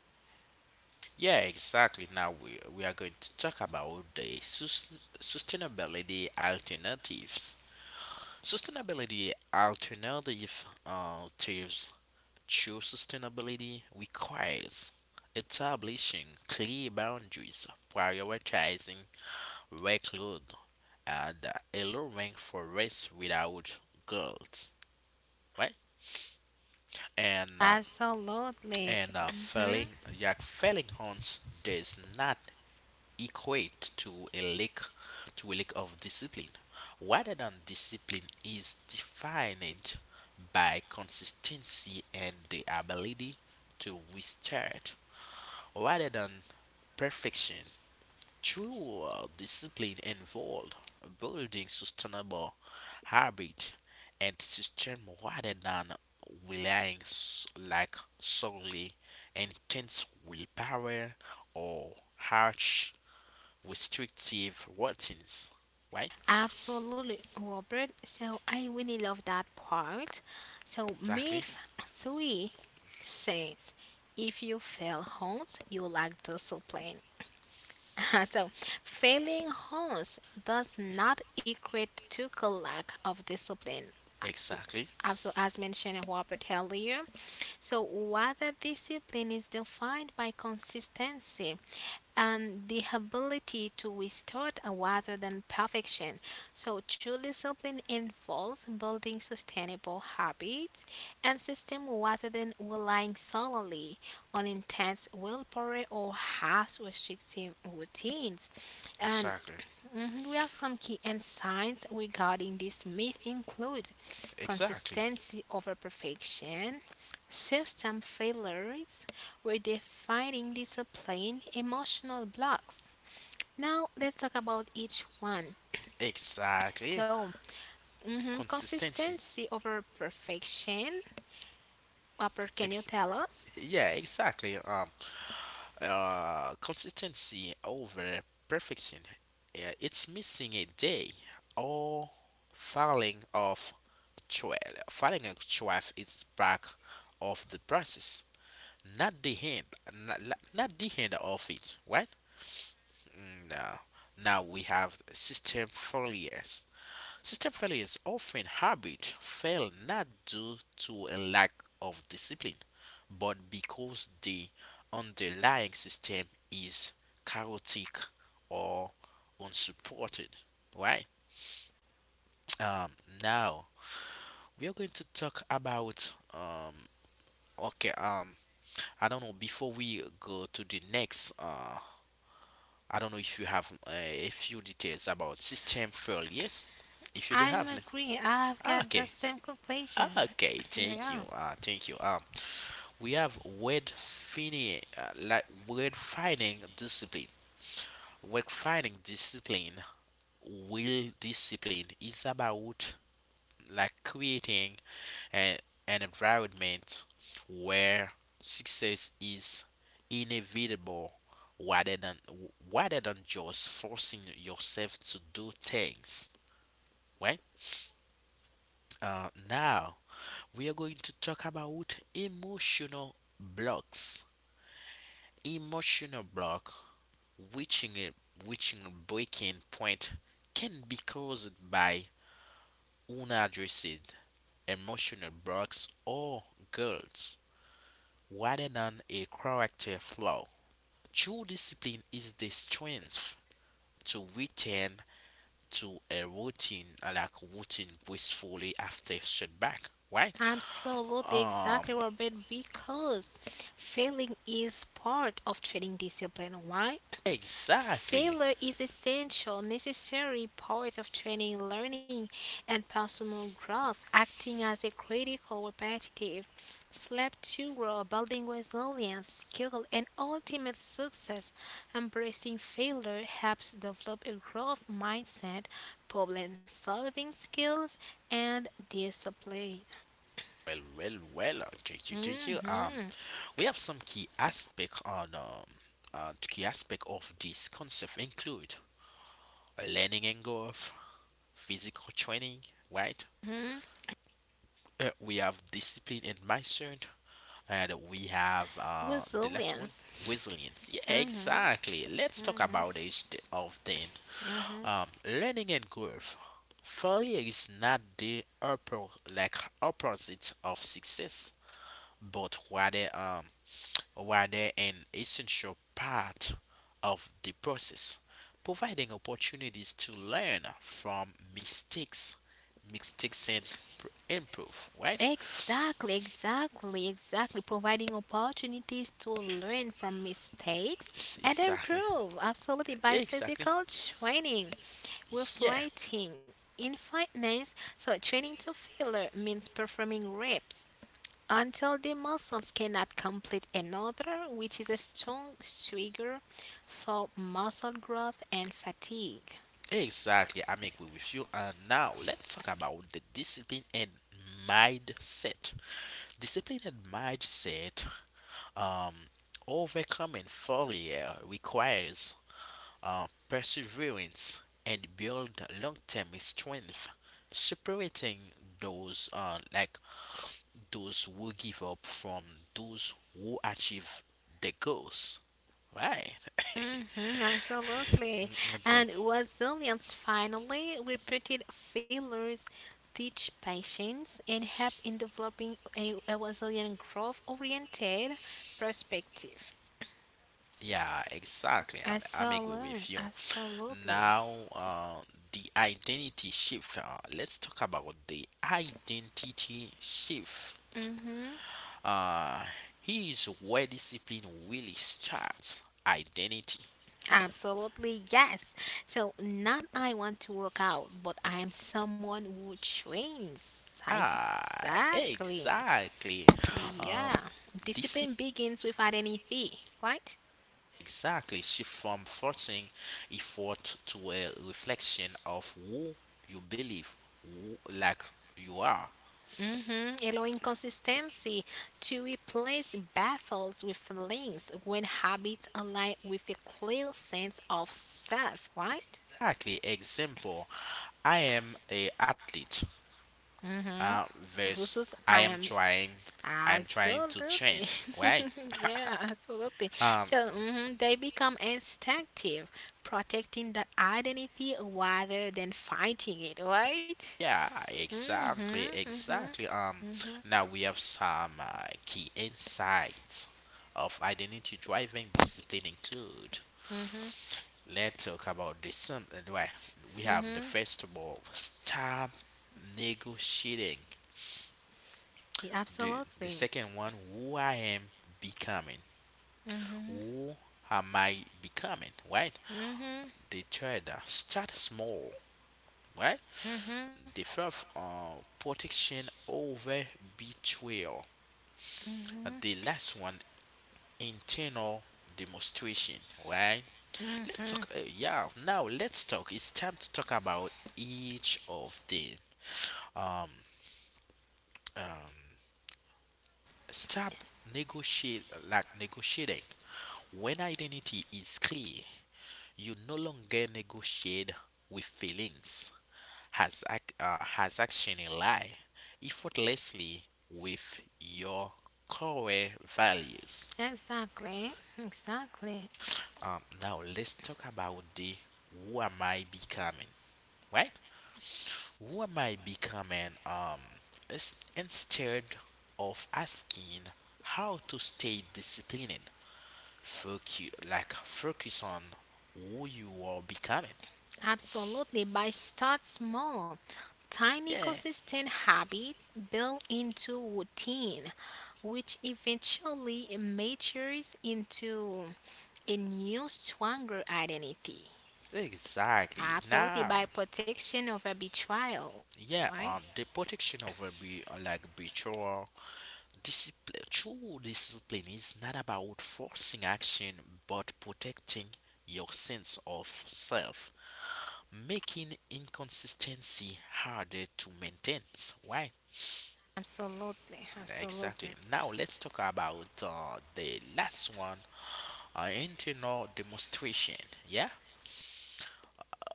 Speaker 1: Yeah, exactly. Now we are going to talk about the sustainability alternatives. Sustainability alternatives true sustainability requires establishing clear boundaries, prioritizing workload, and allowing for rest without guilt, right? And uh,
Speaker 2: Absolutely.
Speaker 1: And
Speaker 2: Mm-hmm.
Speaker 1: Failing, failing hunts does not equate to a lack of discipline. Rather than discipline is defined by consistency and the ability to restart, rather than perfection. True discipline involved building sustainable habit and system rather than relying like solely intense willpower or harsh restrictive routines. Right?
Speaker 2: Absolutely, Robert. So I really love that part. So
Speaker 1: Exactly.
Speaker 2: myth three says, if you fail once, you lack discipline. So failing once does not equate to a lack of discipline.
Speaker 1: Exactly.
Speaker 2: Also, as mentioned Robert earlier, so whether discipline is defined by consistency, and the ability to withstand rather than perfection. So, true discipline involves building sustainable habits and systems rather than relying solely on intense willpower or harsh restrictive routines. And
Speaker 1: Exactly.
Speaker 2: mhm, we have some key insights regarding this myth include
Speaker 1: Exactly.
Speaker 2: consistency over perfection, system failures, redefining discipline, emotional blocks. Now let's talk about each one.
Speaker 1: Exactly.
Speaker 2: So, mhm,
Speaker 1: Consistency.
Speaker 2: consistency over perfection. Upper, can you
Speaker 1: Ex-
Speaker 2: tell us?
Speaker 1: yeah, exactly. Consistency over perfection. Yeah, it's missing a day or falling off trail. Falling off trail is back of the process, not the end, not, not the end of it, right? Now, we have system failures. System failure is often habit fail not due to a lack of discipline, but because the underlying system is chaotic or unsupported. Right? Um, Now we are going to talk about okay um, I don't know before we go to the next I don't know if you have a few details about system failures. If you do
Speaker 2: I'm
Speaker 1: have,
Speaker 2: agreeing. I've
Speaker 1: ah,
Speaker 2: got the
Speaker 1: okay,
Speaker 2: same conclusion.
Speaker 1: okay, thank you.
Speaker 2: Yeah.
Speaker 1: Thank you. We have word fini like word finding discipline. Word finding discipline. Will discipline is about like creating an, an environment where success is inevitable rather than rather than just forcing yourself to do things. Right? Now we are going to talk about emotional blocks. Emotional block, reaching a reaching a breaking point, can be caused by unaddressed emotional blocks or guilt, rather than a character flaw. True discipline is the strength to return to a routine like routine gracefully after setback. Right?
Speaker 2: Absolutely,
Speaker 1: Um.
Speaker 2: exactly, Robert, because failing is part of training discipline. Why?
Speaker 1: Exactly.
Speaker 2: Failure is essential, necessary part of training, learning, and personal growth, acting as a critical repetitive slap to grow, building resilience, skill, and ultimate success. Embracing failure helps develop a growth mindset, problem solving skills, and discipline.
Speaker 1: Check check you.
Speaker 2: Mm-hmm.
Speaker 1: We have some key aspect on key aspect of this concept include learning and growth, physical training, right?
Speaker 2: Hmm.
Speaker 1: We have discipline and mindset, and we have the last one,
Speaker 2: Resilience.
Speaker 1: resilience. Yeah,
Speaker 2: Mm-hmm.
Speaker 1: exactly. Let's talk about each of them. Learning and growth. Failure is not the upper like opposite of success, but rather an essential part of the process, providing opportunities to learn from mistakes, mistakes and improve, right?
Speaker 2: Exactly, exactly, exactly. Providing opportunities to learn from mistakes
Speaker 1: Yes,
Speaker 2: and
Speaker 1: exactly.
Speaker 2: improve. Absolutely. By
Speaker 1: Exactly.
Speaker 2: physical training,
Speaker 1: Yeah.
Speaker 2: reflecting in fitness. So, training to failure means performing reps until the muscles cannot complete another, which is a strong trigger for muscle growth and fatigue.
Speaker 1: Exactly. I'm agree with you. And now let's talk about the discipline and mindset. Discipline and mindset. Um, Overcoming failure requires perseverance, and build long-term strength, separating those uh, like those who give up from those who achieve the goals. Right.
Speaker 2: Mhm, absolutely.
Speaker 1: Mm, it's a-
Speaker 2: And resilience finally repeated failures teach patience and help in developing a resilient growth oriented perspective.
Speaker 1: yeah, exactly. I'm agree
Speaker 2: Absolutely,
Speaker 1: with you.
Speaker 2: absolutely.
Speaker 1: Now, the identity shift. Let's talk about the identity shift.
Speaker 2: Mm-hmm.
Speaker 1: Uh, Here's where discipline really starts. Identity.
Speaker 2: Absolutely, yes. So, not I want to work out, but I am someone who trains.
Speaker 1: Ah,
Speaker 2: Exactly.
Speaker 1: exactly. Um,
Speaker 2: Yeah.
Speaker 1: this is
Speaker 2: Discipline begins with identity, right?
Speaker 1: exactly shift from forcing effort to a reflection of who you believe, who, like you are.
Speaker 2: Hmm. Allowing consistency to replace battles with links when habits align with a clear sense of self, right?
Speaker 1: Exactly. Example: I am a athlete.
Speaker 2: Hmm.
Speaker 1: Versus
Speaker 2: Versus I
Speaker 1: I am
Speaker 2: am
Speaker 1: trying. To train.
Speaker 2: absolutely,
Speaker 1: Right.
Speaker 2: yeah, absolutely.
Speaker 1: Um,
Speaker 2: So mhm, they become instinctive, protecting the identity rather than fighting it, right?
Speaker 1: Yeah, exactly,
Speaker 2: Mm-hmm, mm-hmm,
Speaker 1: exactly. Now we have some key insights of identity driving discipline include. Let's talk about the some. Well, we have the
Speaker 2: mm-hmm.
Speaker 1: first of all, stop negotiating.
Speaker 2: Yeah,
Speaker 1: The the
Speaker 2: absolutely.
Speaker 1: second one, who I am becoming.
Speaker 2: Mm-hmm,
Speaker 1: Who am I becoming? Right. The third, start small. Right.
Speaker 2: mm-hmm.
Speaker 1: The fourth, protection over betrayal.
Speaker 2: Mm-hmm.
Speaker 1: The last one, internal demonstration. Right. let's
Speaker 2: Mm-hmm.
Speaker 1: talk yeah now let's talk It's time to talk about each of the um um stop negotiate like negotiating. When identity is clear, you no longer negotiate with feelings. Has action in lie effortlessly with your core values.
Speaker 2: Exactly. Exactly.
Speaker 1: Now let's talk about the who am I becoming, right? Who am I becoming? Instead of asking how to stay disciplined, focus on who you are becoming.
Speaker 2: Absolutely. By start small, tiny
Speaker 1: Yeah,
Speaker 2: consistent habits built into routine, which eventually matures into a new stronger identity.
Speaker 1: exactly.
Speaker 2: Absolutely,
Speaker 1: Now,
Speaker 2: by protection over betrayal, right?
Speaker 1: yeah, the protection of a be like betrayal. True discipline is not about forcing action but protecting your sense of self, making inconsistency harder to maintain. Why?
Speaker 2: Absolutely,
Speaker 1: Exactly.
Speaker 2: absolutely,
Speaker 1: Now let's talk about the last one, internal demonstration. Yeah?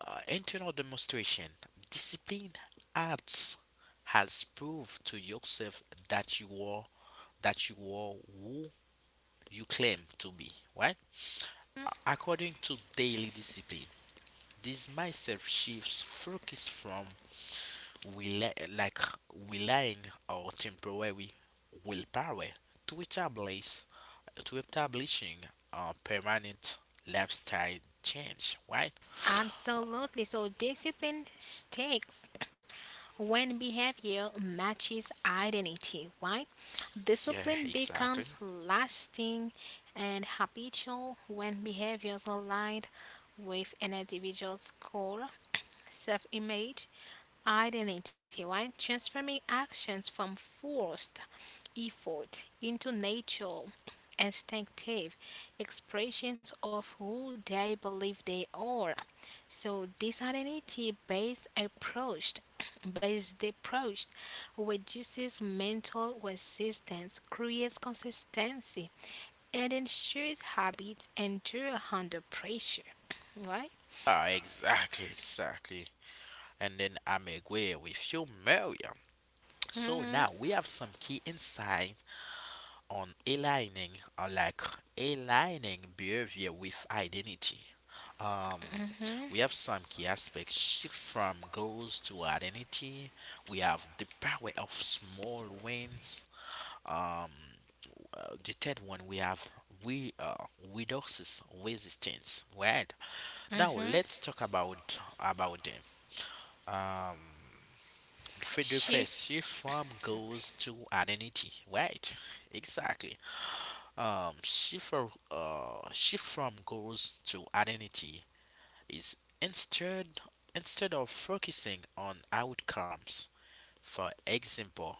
Speaker 1: Internal demonstration. Discipline acts has proved to yourself that you are that you are who you claim to be. Why? According to daily discipline, this mindset shifts focus from rely, like relying on temporary willpower to establish to establishing a permanent lifestyle change, right?
Speaker 2: absolutely. So discipline sticks when behavior matches identity, right?
Speaker 1: Yeah,
Speaker 2: Discipline
Speaker 1: exactly.
Speaker 2: becomes lasting and habitual when behaviors aligned with an individual's core self-image identity, right? Transforming actions from forced effort into natural, instinctive expressions of who they believe they are. So this identity-based approach, based approach, reduces mental resistance, creates consistency, and ensures habits endure under pressure. Right?
Speaker 1: Ah, exactly, exactly. And then I'm agree with you, Maria. So
Speaker 2: Mm-hmm.
Speaker 1: now we have some key insight on aligning or like aligning behavior with identity. Um, we
Speaker 2: Mm-hmm.
Speaker 1: have some key aspects shift from goals to identity. We have the power of small wins. Um, the third one we have we reduces resistance. Right, now,
Speaker 2: Mm-hmm.
Speaker 1: let's talk about them. Um, the the first shift
Speaker 2: Shift.
Speaker 1: from goals to identity. Right, exactly. Shift from goals to identity is instead of focusing on outcomes. For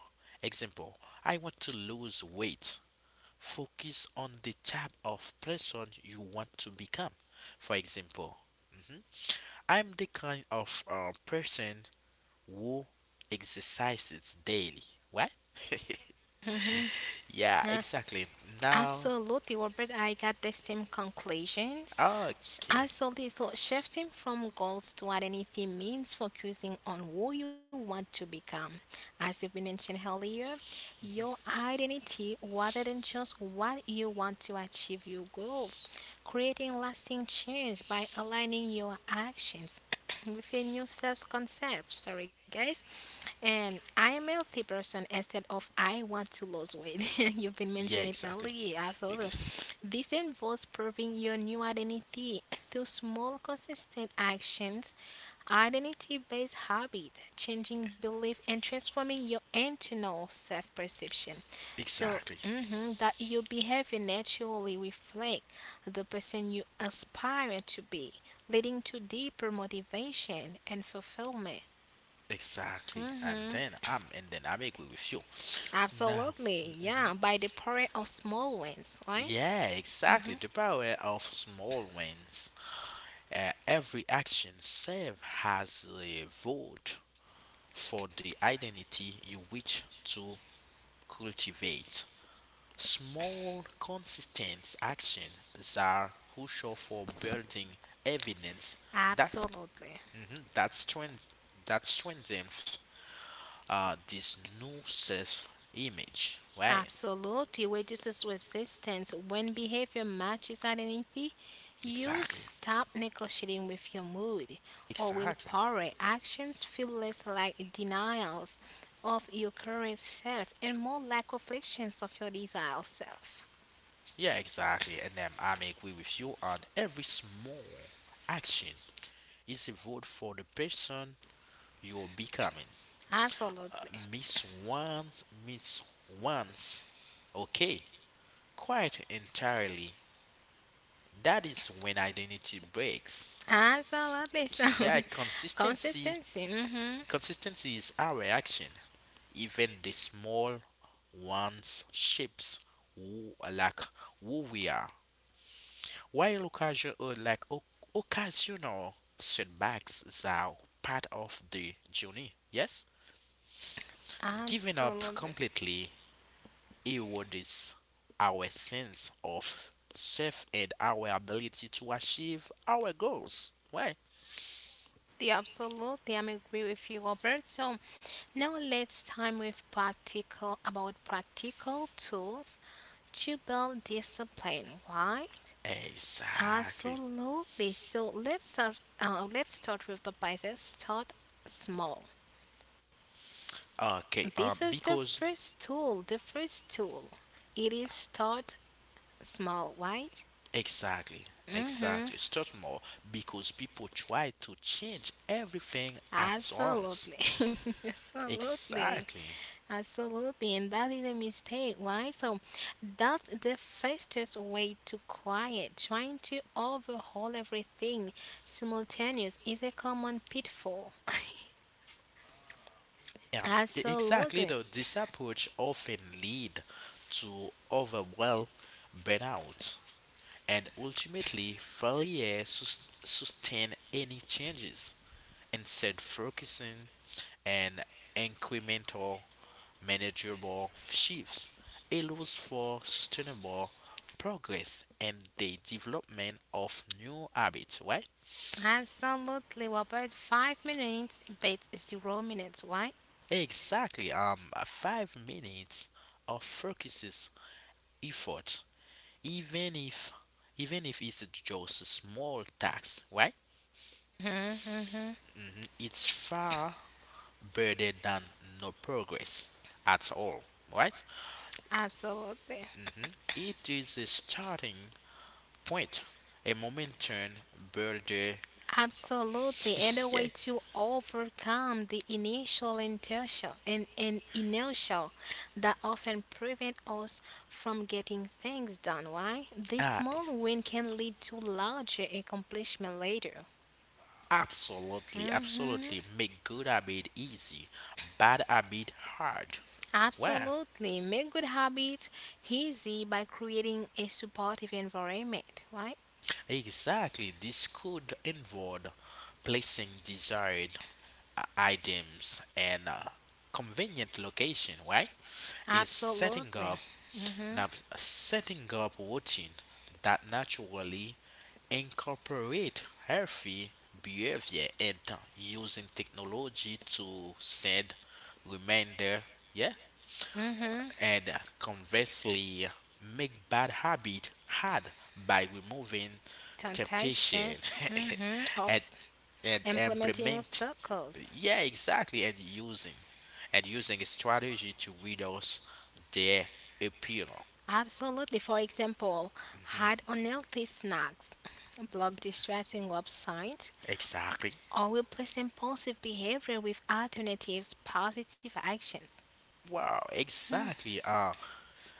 Speaker 1: example, I want to lose weight. Focus on the type of person you want to become. For example, mhm, I'm the kind of person who exercises daily. What?
Speaker 2: Mm-hmm.
Speaker 1: Yeah,
Speaker 2: Uh,
Speaker 1: exactly. Now,
Speaker 2: absolutely, Robert. I got the same conclusions.
Speaker 1: okay.
Speaker 2: Absolutely. So, shifting from goals to identity means focusing on who you want to become. As you've been mentioned earlier, your identity rather than just what you want to achieve your goals, creating lasting change by aligning your actions with your new self concept. Sorry, guys. And I am a healthy person instead of I want to lose weight. You've been
Speaker 1: Yeah,
Speaker 2: mentioning it
Speaker 1: exactly.
Speaker 2: earlier, absolutely.
Speaker 1: Ex-
Speaker 2: This involves proving your new identity through small, consistent actions, identity based habit, changing belief, and transforming your internal self perception. So
Speaker 1: Exactly.
Speaker 2: mhm, that your behavior naturally reflect the person you aspire to be, leading to deeper motivation and fulfillment.
Speaker 1: Exactly,
Speaker 2: Mhm.
Speaker 1: and then I'm agree with you. Now,
Speaker 2: Absolutely,
Speaker 1: mhm.
Speaker 2: yeah, by the power of small wins, right?
Speaker 1: yeah, exactly. The power of small wins. Every action save has a vote for the identity you wish to cultivate. Small, consistent actions are crucial for building evidence that
Speaker 2: Absolutely,
Speaker 1: mhm, that strength that strengthens this new self image, right?
Speaker 2: absolutely reduces resistance. When behavior matches identity, you
Speaker 1: Exactly.
Speaker 2: stop negotiating with your mood or
Speaker 1: Exactly.
Speaker 2: willpower. Actions feel less like denials of your current self and more like reflections of your desired self.
Speaker 1: Yeah, exactly. And then I may agree with you on every small action is a vote for the person you're becoming. Uh,
Speaker 2: Absolutely.
Speaker 1: Miss once, miss once. Okay, quite entirely. That is when identity breaks.
Speaker 2: Absolutely. So,
Speaker 1: Yeah, consistency.
Speaker 2: consistency. Hmm.
Speaker 1: Consistency is our action, even the small ones shapes who like who we are. While occasional setbacks are part of the journey, yes, giving up
Speaker 2: Absolutely.
Speaker 1: completely erodes our sense of self and our ability to achieve our goals. Why?
Speaker 2: The absolutely, I'm agree with you, Robert. So now let's time with practical about practical tools to build discipline, right?
Speaker 1: Exactly.
Speaker 2: Absolutely. So let's start. Let's start with the basics. Start small.
Speaker 1: Okay.
Speaker 2: This is the
Speaker 1: Because
Speaker 2: first tool. The first tool. It is start small, right?
Speaker 1: exactly,
Speaker 2: Mm-hmm.
Speaker 1: exactly. Start more because people try to change everything at once.
Speaker 2: Absolutely. Absolutely.
Speaker 1: Exactly.
Speaker 2: Absolutely, and that is a mistake, Why? So that's the fastest way to quiet. Trying to overhaul everything simultaneous is a common pitfall.
Speaker 1: Yeah, exactly
Speaker 2: Absolutely.
Speaker 1: though. This approach often lead to overwhelm, burnout, and ultimately failure to sustain any changes. Instead focusing on incremental manageable shifts allows for sustainable progress and the development of new habits, right?
Speaker 2: Absolutely. Well, about 5 minutes, but 0 minutes, Why?
Speaker 1: Exactly. 5 minutes of focuses effort, even if even if it's just a small task, right?
Speaker 2: Mhm, mhm.
Speaker 1: Mhm, it's far better than no progress at all, right?
Speaker 2: Absolutely.
Speaker 1: Mhm. It is a starting point, a momentum builder.
Speaker 2: Absolutely, and a way
Speaker 1: yeah.
Speaker 2: to overcome the initial inertia and inertia that often prevent us from getting things done. Why? This
Speaker 1: Ah,
Speaker 2: small win can lead to larger accomplishment later.
Speaker 1: absolutely,
Speaker 2: Hmm.
Speaker 1: absolutely. Make good habit easy, bad habit hard. Well,
Speaker 2: Absolutely, make good habits easy by creating a supportive environment. Right?
Speaker 1: exactly. This could involve placing desired items and convenient location. Right? Is setting
Speaker 2: Absolutely.
Speaker 1: up
Speaker 2: Hmm.
Speaker 1: now Setting up routine that naturally incorporate healthy behavior and using technology to send reminder, yeah,
Speaker 2: Mm-hmm.
Speaker 1: and conversely make bad habit hard by removing temptation
Speaker 2: Temptations. Mm-hmm.
Speaker 1: and
Speaker 2: Ops. Implementing
Speaker 1: implement,
Speaker 2: obstacles.
Speaker 1: yeah, exactly, and using a strategy to reduce their appeal.
Speaker 2: Absolutely. For example, hide unhealthy snacks, block distracting websites,
Speaker 1: Exactly.
Speaker 2: or replace impulsive behavior with alternatives, positive actions.
Speaker 1: Wow, exactly.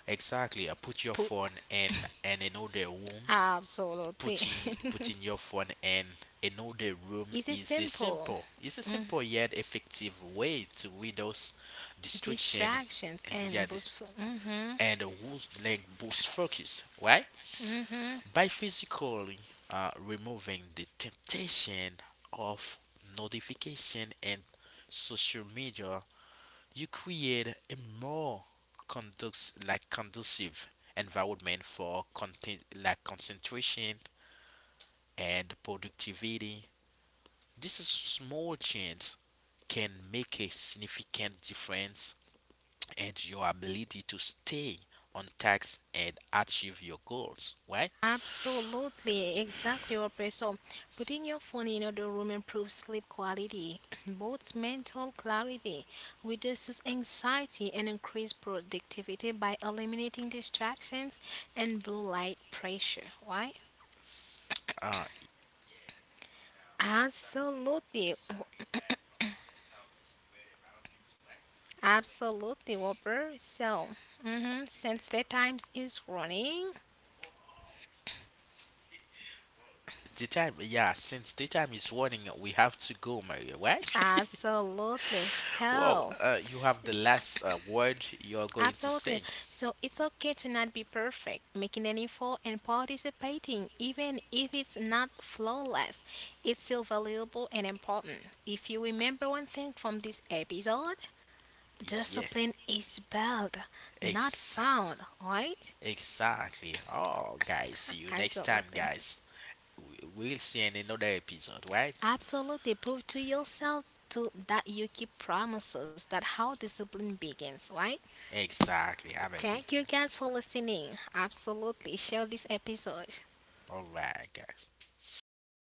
Speaker 1: Exactly. I put your
Speaker 2: Put
Speaker 1: phone in another room.
Speaker 2: absolutely.
Speaker 1: Putting Putting your phone in another room
Speaker 2: Is it
Speaker 1: is
Speaker 2: simple?
Speaker 1: a simple yet effective way to reduce distraction.
Speaker 2: Distractions and
Speaker 1: Yeah, this,
Speaker 2: boostful.
Speaker 1: and boost focus, right? By physically removing the temptation of notification and social media you create a more conduct like conducive environment for content like concentration and productivity. This is small change can make a significant difference in your ability to stay on task and achieve your goals, right?
Speaker 2: Absolutely, exactly, Robert. So, putting your phone in another room improves sleep quality, both mental clarity, reduces anxiety, and increases productivity by eliminating distractions and blue light pressure. Why?
Speaker 1: Uh,
Speaker 2: Absolutely, absolutely, Robert. So, mhm, since the times is running,
Speaker 1: since the time is running, we have to go, Maria, right?
Speaker 2: absolutely.
Speaker 1: Well,
Speaker 2: So.
Speaker 1: you have the
Speaker 2: S-
Speaker 1: last word you're going to
Speaker 2: Absolutely.
Speaker 1: say.
Speaker 2: So it's okay to not be perfect, making an effort and participating, even if it's not flawless. It's still valuable and important. If you remember one thing from this episode,
Speaker 1: Yeah,
Speaker 2: discipline is built, not
Speaker 1: ex-
Speaker 2: found, right?
Speaker 1: exactly. Oh, guys, see you next time,
Speaker 2: Absolutely.
Speaker 1: guys. We'll see in another episode, right?
Speaker 2: Absolutely. Prove to yourself to that you keep promises that how discipline begins, right?
Speaker 1: Exactly, I'm agree.
Speaker 2: Thank you guys for listening. Absolutely share this episode.
Speaker 1: All right, guys.